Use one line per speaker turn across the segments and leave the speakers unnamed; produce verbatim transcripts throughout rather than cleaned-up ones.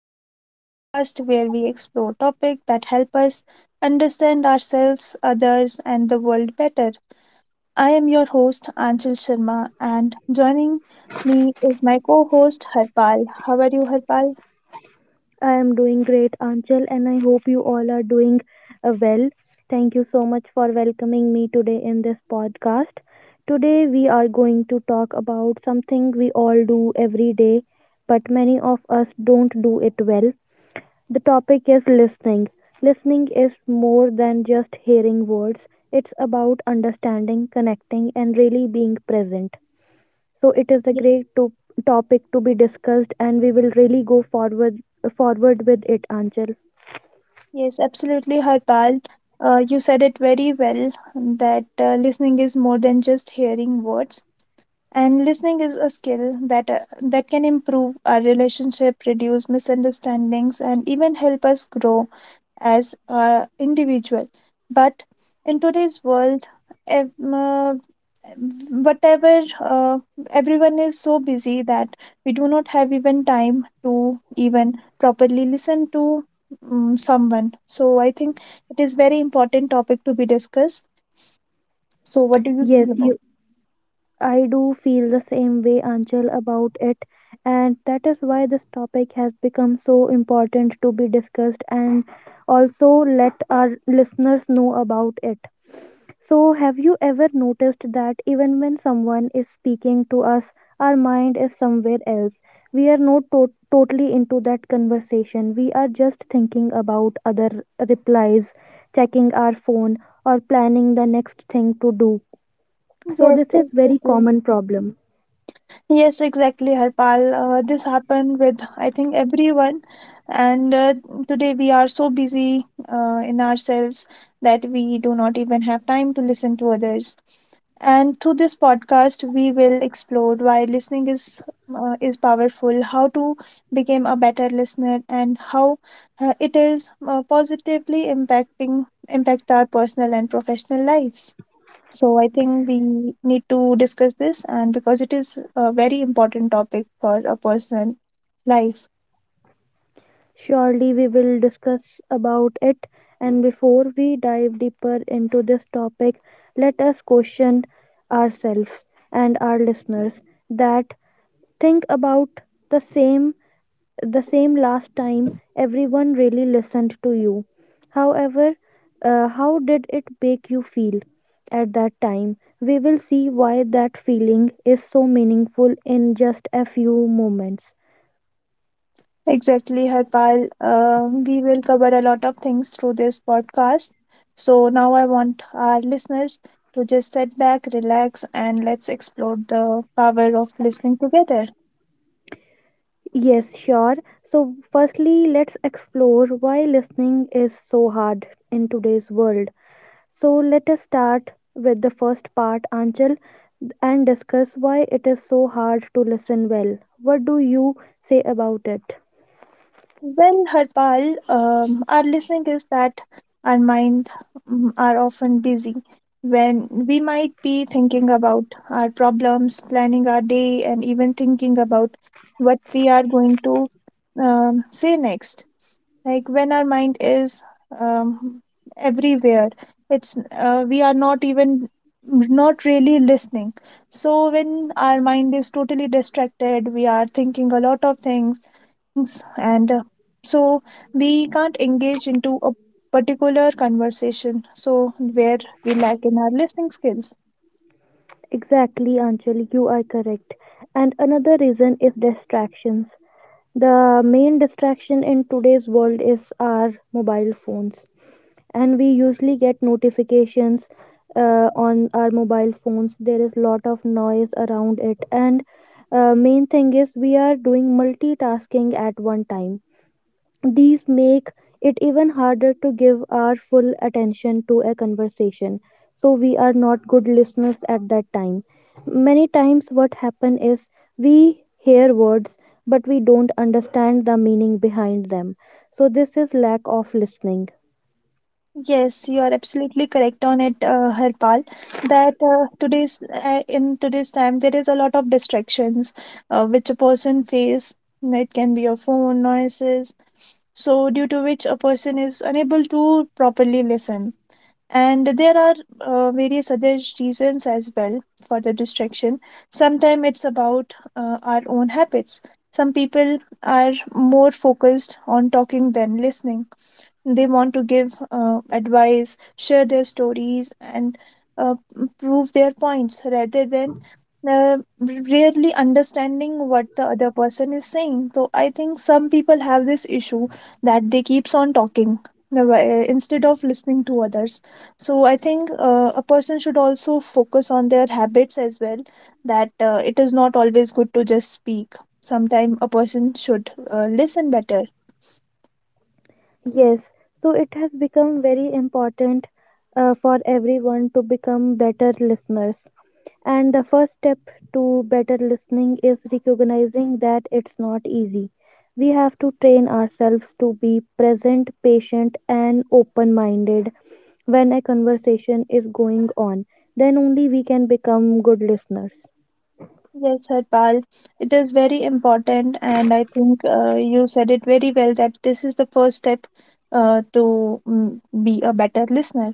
Glow, the podcast where we explore topics that help us understand ourselves, others, and the world better. I am your host, Anchal Sharma, and joining me is my co host, Harpal. How are you, Harpal?
I am doing great, Anchal, and I hope you all are doing uh, well. Thank you so much for welcoming me today in this podcast. Today, we are going to talk about something we all do every day, but many of us don't do it well. The topic is listening. Listening is more than just hearing words, it's about understanding, connecting, and really being present. So it is a
Yes,
great to- topic to be discussed, and we will really go forward forward with it, Anchal.
yes, absolutely, Harpal. Uh, you said it very well that uh, listening is more than just hearing words. And listening is a skill that uh, that can improve our relationship, reduce misunderstandings, and even help us grow as a individual. But in today's world, ev- uh, whatever uh, everyone is so busy that we do not have even time to even properly listen to um, someone. So I think it is very important topic to be discussed. So what do you
Yes,
feel about
you. I do feel the same way, Anchal, about it, and that is why this topic has become so important to be discussed, and also let our listeners know about it. So, have you ever noticed that even when someone is speaking to us, our mind is somewhere else? We are not to- totally into that conversation. We are just thinking about other replies, checking our phone, or planning the next thing to do.
it?
So,
Yes,
this is very
exactly.
common problem.
Yes, exactly, Harpal. Uh, this happened with, I think, everyone. And uh, today we are so busy uh, in ourselves that we do not even have time to listen to others. And through this podcast, we will explore why listening is uh, is powerful, how to become a better listener, and how uh, it is uh, positively impacting impact our personal and professional lives. So I think we need to discuss this, and because it is a very important topic for a person life.
Surely, we will discuss about it. And before we dive deeper into this topic, let us question ourselves and our listeners that think about the same the same last time everyone really listened to you. However, uh, how did it make you feel at that time? We will see why that feeling is so meaningful in just a few moments.
Exactly, Harpal. Um, we will cover a lot of things through this podcast. So now I want our listeners to just sit back, relax, and let's explore the power of listening together.
Yes, sure. So firstly, let's explore why listening is so hard in today's world. So let us start with the first part, Anchal, and discuss why it is so hard to listen well. What do you say about it?
Well, Harpal, um, our listening is that our mind mm, are often busy when we might be thinking about our problems, planning our day, and even thinking about what we are going to um, say next. Like when our mind is um, everywhere, it's uh, we are not even not really listening. So when our mind is totally distracted, we are thinking a lot of things things and uh, so we can't engage into a particular conversation. So where we lack in our listening skills.
Exactly, Anchal, you are correct. And another reason is distractions. The main distraction in today's world is our mobile phones. And we usually get notifications uh, on our mobile phones. There is lot of noise around it, and uh, main thing is we are doing multitasking at one time. These make it even harder to give our full attention to a conversation, so we are not good listeners at that time. Many times what happen is we hear words, but we don't understand the meaning behind them. So this is lack of listening.
Yes, you are absolutely correct on it, uh, Harpal. That uh, today's uh, in today's time, there is a lot of distractions, uh, which a person face. It can be a phone noises, so due to which a person is unable to properly listen. And there are uh, various other reasons as well for the distraction. Sometimes it's about uh, our own habits. Some people are more focused on talking than listening. They want to give uh, advice, share their stories, and uh, prove their points rather than uh, really understanding what the other person is saying. So I think some people have this issue that they keeps on talking, uh, wh- uh, instead of listening to others. So I think uh, a person should also focus on their habits as well. That uh, it is not always good to just speak. Sometime a person should uh, listen better.
Yes, so it has become very important uh, for everyone to become better listeners. And the first step to better listening is recognizing that it's not easy. We have to train ourselves to be present, patient, and open minded when a conversation is going on. Then only we can become good listeners.
Yes, Harpal, it is very important, and I think uh, you said it very well that this is the first step uh, to mm, be a better listener.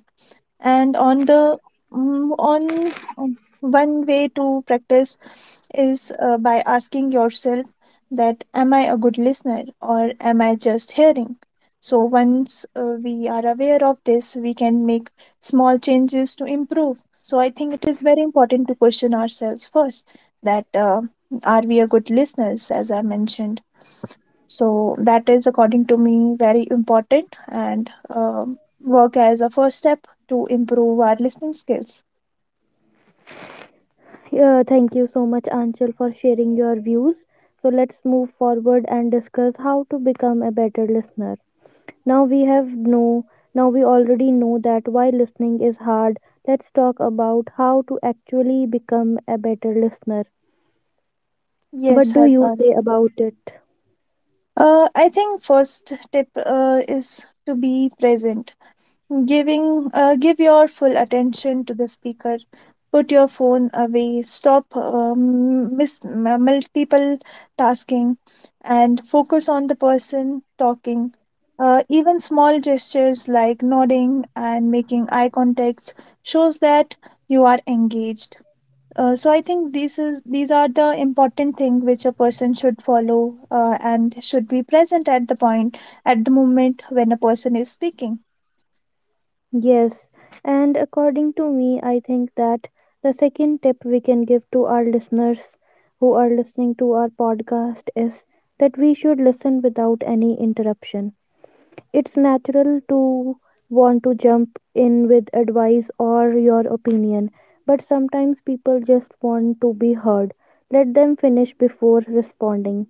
And on the mm, on um, one way to practice is uh, by asking yourself that, "Am I a good listener, or am I just hearing?" So once uh, we are aware of this, we can make small changes to improve. So I think it is very important to question ourselves first, that uh, are we a good listeners, as I mentioned. So that is, according to me, very important, and um work as a first step to improve our listening skills.
Uh, thank you so much, Anchal, for sharing your views. So let's move forward and discuss how to become a better listener. Now we have know Now we already know that why listening is hard. Let's talk about how to actually become a better listener. What
Yes,
do you
Harpal.
say about it?
Uh, I think first tip uh, is to be present. Giving uh, give your full attention to the speaker. Put your phone away. Stop um, mis- m- multiple tasking, and focus on the person talking. Uh, even small gestures like nodding and making eye contacts shows that you are engaged. Uh, so I think these is these are the important thing which a person should follow, uh, and should be present at the point at the moment when a person is speaking.
Yes, and according to me, I think that the second tip we can give to our listeners who are listening to our podcast is that we should listen without any interruption. It's natural to want to jump in with advice or your opinion, but sometimes people just want to be heard. Let them finish before responding.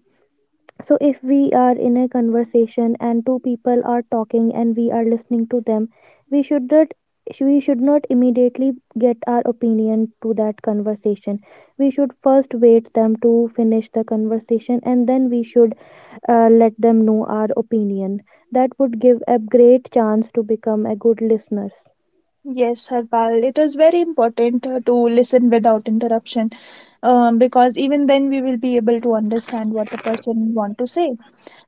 So, if we are in a conversation and two people are talking and we are listening to them, we should not we should not immediately get our opinion to that conversation. We should first wait them to finish the conversation, and then we should uh, let them know our opinion. That would give a great chance to become a good listeners.
Yes, Harpal, it is very important uh, to listen without interruption, um, because even then we will be able to understand what the person want to say.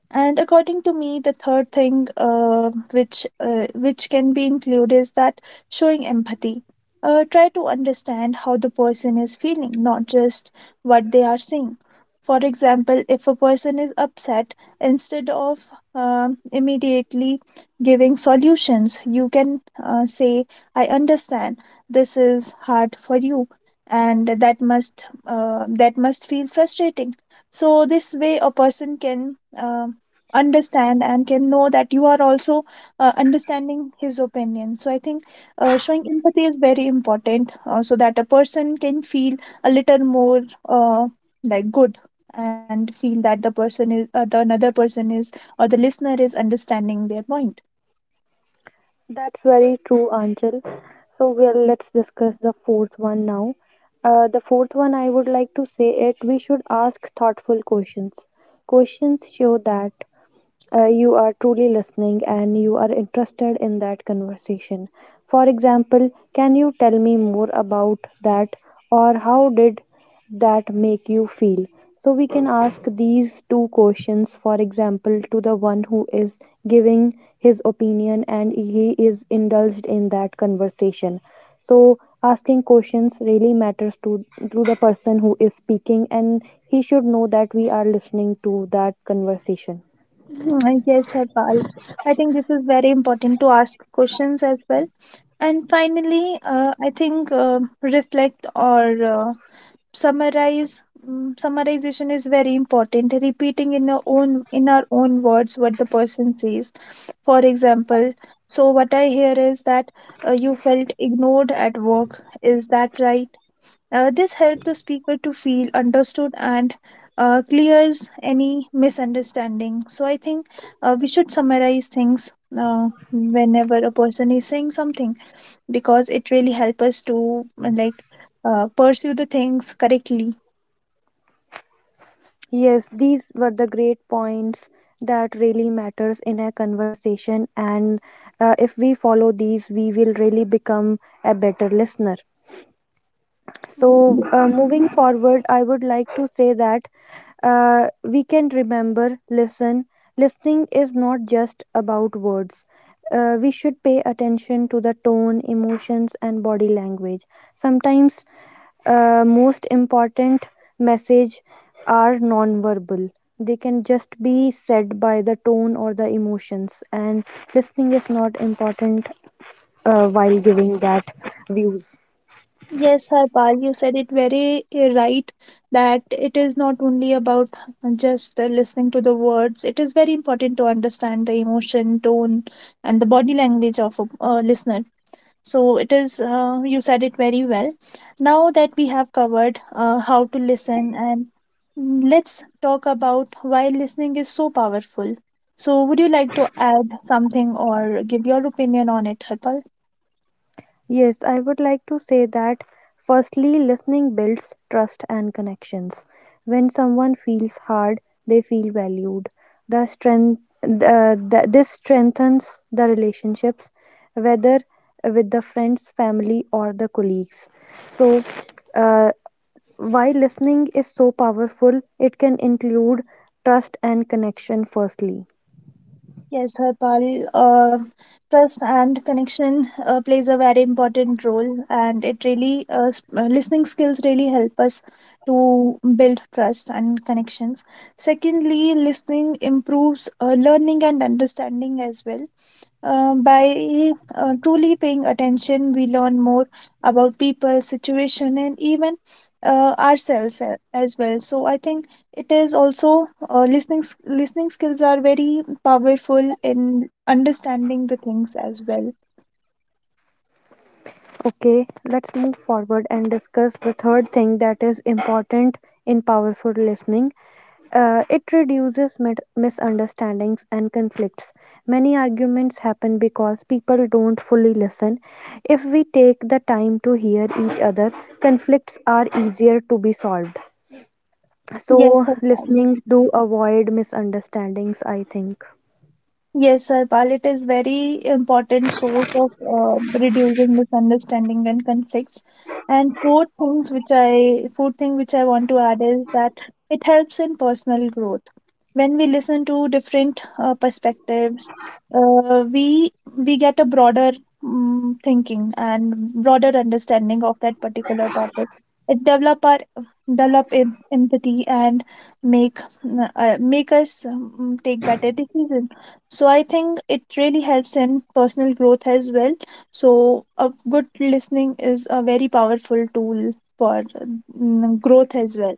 And according to me, the third thing, uh, which uh, which can be included is that showing empathy. Uh, try to understand how the person is feeling, not just what they are saying. For example, if a person is upset, instead of um immediately giving solutions, you can uh, say, "I understand. This is hard for you, and that must uh, that must feel frustrating." So this way, a person can, Um, understand and can know that you are also uh, understanding his opinion. So I think uh, showing empathy is very important, uh, so that a person can feel a little more, uh, like, good, and feel that the person is uh, the another person is, or the listener is, understanding their point.
That's very true, Anchal. So well, let's discuss the fourth one now. Uh, the fourth one, I would like to say it. We should ask thoughtful questions. Questions show that uh, you are truly listening and you are interested in that conversation. For example, can you tell me more about that, or how did that make you feel? So, we can ask these two questions, for example, to the one who is giving his opinion and he is indulged in that conversation. So, asking questions really matters to, to the person who is speaking, and he should know that we are listening to that conversation.
Mm, Yes, Harpal. I think this is very important to ask questions as well. And finally, uh, I think uh, reflect or uh, summarize. mm, Summarization is very important. Repeating in our own in our own words what the person says. For example, so what I hear is that uh, you felt ignored at work. Is that right? Uh, this helps the speaker to feel understood and uh, clears any misunderstanding. So I think uh, we should summarize things uh, whenever a person is saying something, because it really helps us to, like, uh, pursue the things correctly.
Yes, these were the great points that really matters in a conversation, and uh, if we follow these we will really become a better listener. So uh, moving forward I would like to say that uh, we can remember listen listening is not just about words. Uh, we should pay attention to the tone, emotions and body language. Sometimes uh, most important message are non-verbal. They can just be said by the tone or the emotions, and listening is not important uh, while giving that views.
Yes, Harpal, you said it very uh, right. That it is not only about just uh, listening to the words. It is very important to understand the emotion, tone, and the body language of a uh, listener. So it is, uh, you said it very well. Now that we have covered uh, how to listen, and mm, let's talk about why listening is so powerful. So, would you like to add something or give your opinion on it, Harpal?
Yes, I would like to say that firstly, listening builds trust and connections. When someone feels hard, they feel valued. The strength, uh, the, this strengthens the relationships, whether with the friends, family, or the colleagues. So, uh, why listening is so powerful, it can include trust and connection, firstly.
Yes, Harpal. Uh, trust and connection uh, plays a very important role, and it really uh, s- uh, listening skills really help us to build trust and connections. Secondly, listening improves uh, learning and understanding as well. Uh, by uh, truly paying attention, we learn more about people, situation, and even uh, ourselves a- as well. So I think it is also uh, listening s- listening skills are very powerful in understanding the things as well.
Okay, let's move forward and discuss the third thing that is important in powerful listening. Uh, it reduces mit- misunderstandings and conflicts. Many arguments happen because people don't fully listen. If we take the time to hear each other, conflicts are easier to be solved.
Yes,
So,
I can.
listening do avoid misunderstandings, I think.
Yes, sir, Harpal, it is very important source of uh, reducing misunderstanding and conflicts. And four things which I four thing which I want to add is that it helps in personal growth. When we listen to different uh, perspectives, uh, we we get a broader mm thinking and broader understanding of that particular topic. It develop our develop em- empathy, and make mm, uh, make us mm, take better decisions. So I think it really helps in personal growth as well. So a good listening is a very powerful tool for mm, growth as well.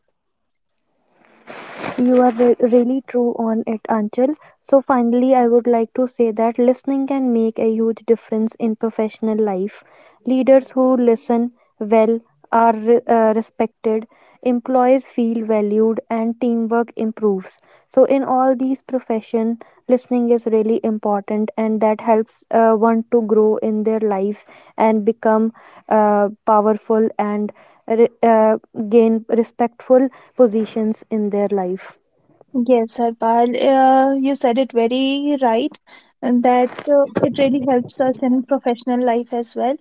You are re- really true on it, Anchal. So, finally, I would like to say that listening can make a huge difference in professional life. Leaders who listen well are re- uh, respected, employees feel valued, and teamwork improves. So, in all these professions, listening is really important, and that helps uh, one to grow in their lives and become uh, powerful and re- uh, gain respectful positions in their life.
Yes, Harpal, uh, you said it very right. And that uh, it really helps us in professional life as well.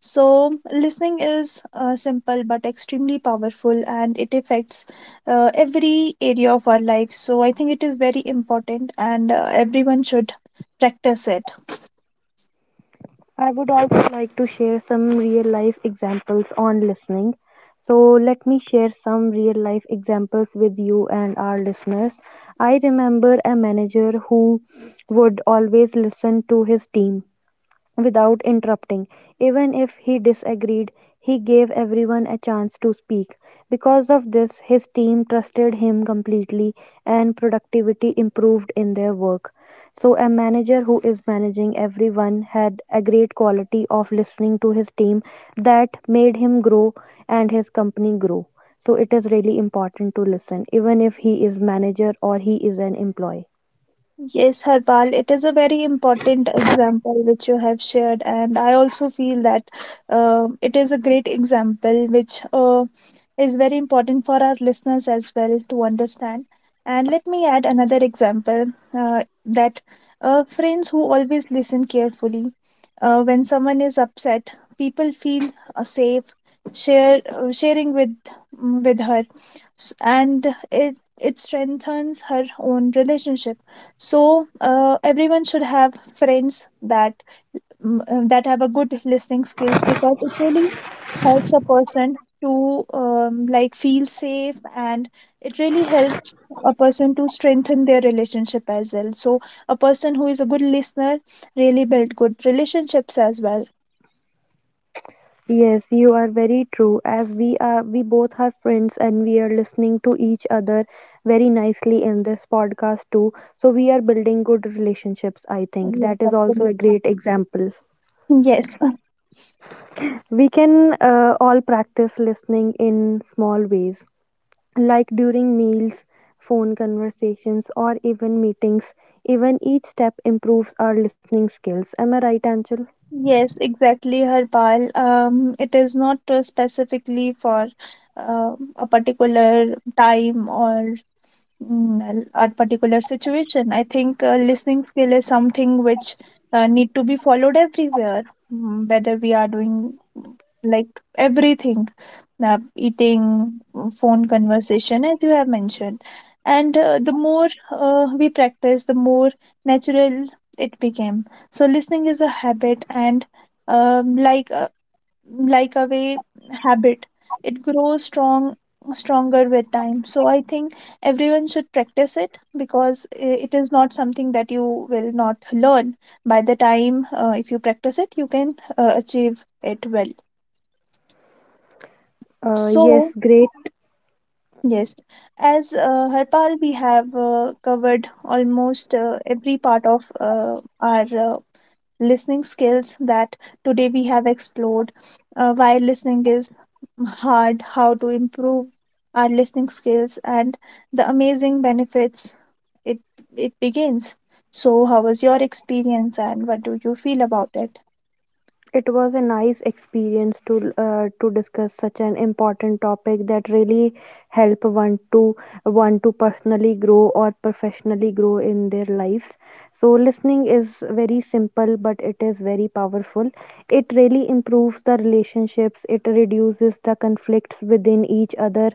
So listening is uh, simple but extremely powerful, and it affects uh, every area of our life. So I think it is very important, and uh, everyone should practice it.
I would also like to share some real life examples on listening. So, let me share some real life examples with you and our listeners. I remember a manager who would always listen to his team, without interrupting. Even if he disagreed, he gave everyone a chance to speak. Because of this, his team trusted him completely and productivity improved in their work. So, a manager who is managing everyone had a great quality of listening to his team that made him grow and his company grow. So, it is really important to listen, even if he is manager or he is an employee.
Yes, Harpal, it is a very important example which you have shared, and I also feel that uh, it is a great example which uh, is very important for our listeners as well to understand. And let me add another example, uh, that uh, friends who always listen carefully. Uh, when someone is upset, people feel uh, safe, share uh, sharing with mm, with her. S- and it it strengthens her own relationship. So uh, everyone should have friends that mm, uh, that have a good listening skills, because it really helps a person to, um, like, feel safe. And it really helps a person to strengthen their relationship as well. So a person who is a good listener really build good relationships as well.
Yes, you are very true. As we are, we both are friends and we are listening to each other very nicely in this podcast too. So we are building good relationships, I think.
Yes,
That is also a
absolutely.
great example.
Yes,
We can uh, all practice listening in small ways, like during meals, phone conversations, or even meetings. Even each step improves our listening skills. Am I right, Anchal?
yes, exactly, Harpal. Um, it is not uh, specifically for uh, a particular time or Mm, a particular situation. I think uh, listening skill is something which uh, need to be followed everywhere, mm, whether we are doing, mm, like, everything, uh, eating, mm, phone conversation, as you have mentioned. And uh, the more uh, we practice, the more natural it became. So listening is a habit, and, um, like uh, like a way habit it grows strong stronger with time. So I think everyone should practice it, because i- it is not something that you will not learn. By the time, uh, if you practice it, you can uh, achieve it well.
Uh,
So,
yes, great.
yes. As uh, Harpal, we have uh, covered almost uh, every part of uh, our uh, listening skills. That today, we have explored uh, why listening is hard, how to improve our listening skills, and the amazing benefits it it begins. So how was your experience and what do you feel about it?
It was a nice experience to uh, to discuss such an important topic that really help one to one to personally grow or professionally grow in their lives. So listening is very simple, but it is very powerful. It really improves the relationships. It reduces the conflicts within each other,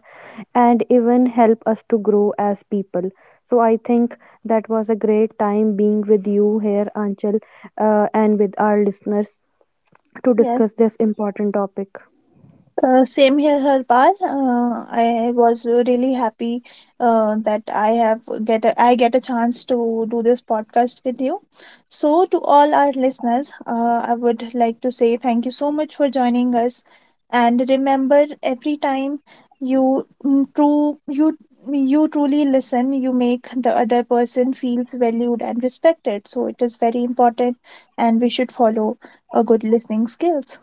and even help us to grow as people. So I think that was a great time being with you here, Anchal, uh, and with our listeners to
Yes.
discuss this important topic.
Uh, same here, Harpal. Uh, I was really happy uh, that I have get a, I get a chance to do this podcast with you. So, to all our listeners, uh, I would like to say thank you so much for joining us. And remember, every time you mm, true you you truly listen, you make the other person feels valued and respected. So, it is very important, and we should follow a good listening skills.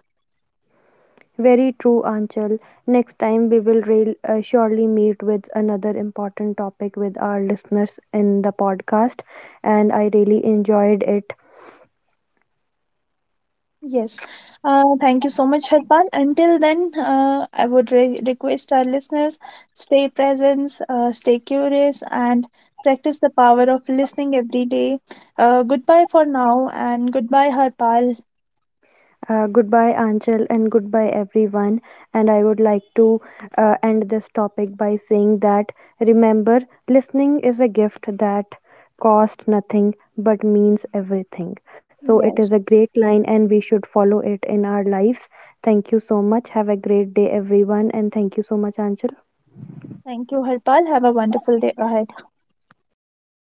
Very true, Anchal. Next time we will real, uh, surely meet with another important topic with our listeners in the podcast, and I really enjoyed it.
Yes. Uh, thank you so much, Harpal. Until then, uh, I would re- request our listeners stay present, uh, stay curious, and practice the power of listening every day. Uh, goodbye for now, and goodbye, Harpal.
Uh, goodbye, Anchal, and goodbye, everyone. And I would like to uh, end this topic by saying that remember, listening is a gift that costs nothing but means everything. So it is
Yes.
a great line, and we should follow it in our lives. Thank you so much. Have a great day, everyone. And thank you so much, Anchal.
Thank you, Harpal. Have a wonderful day ahead.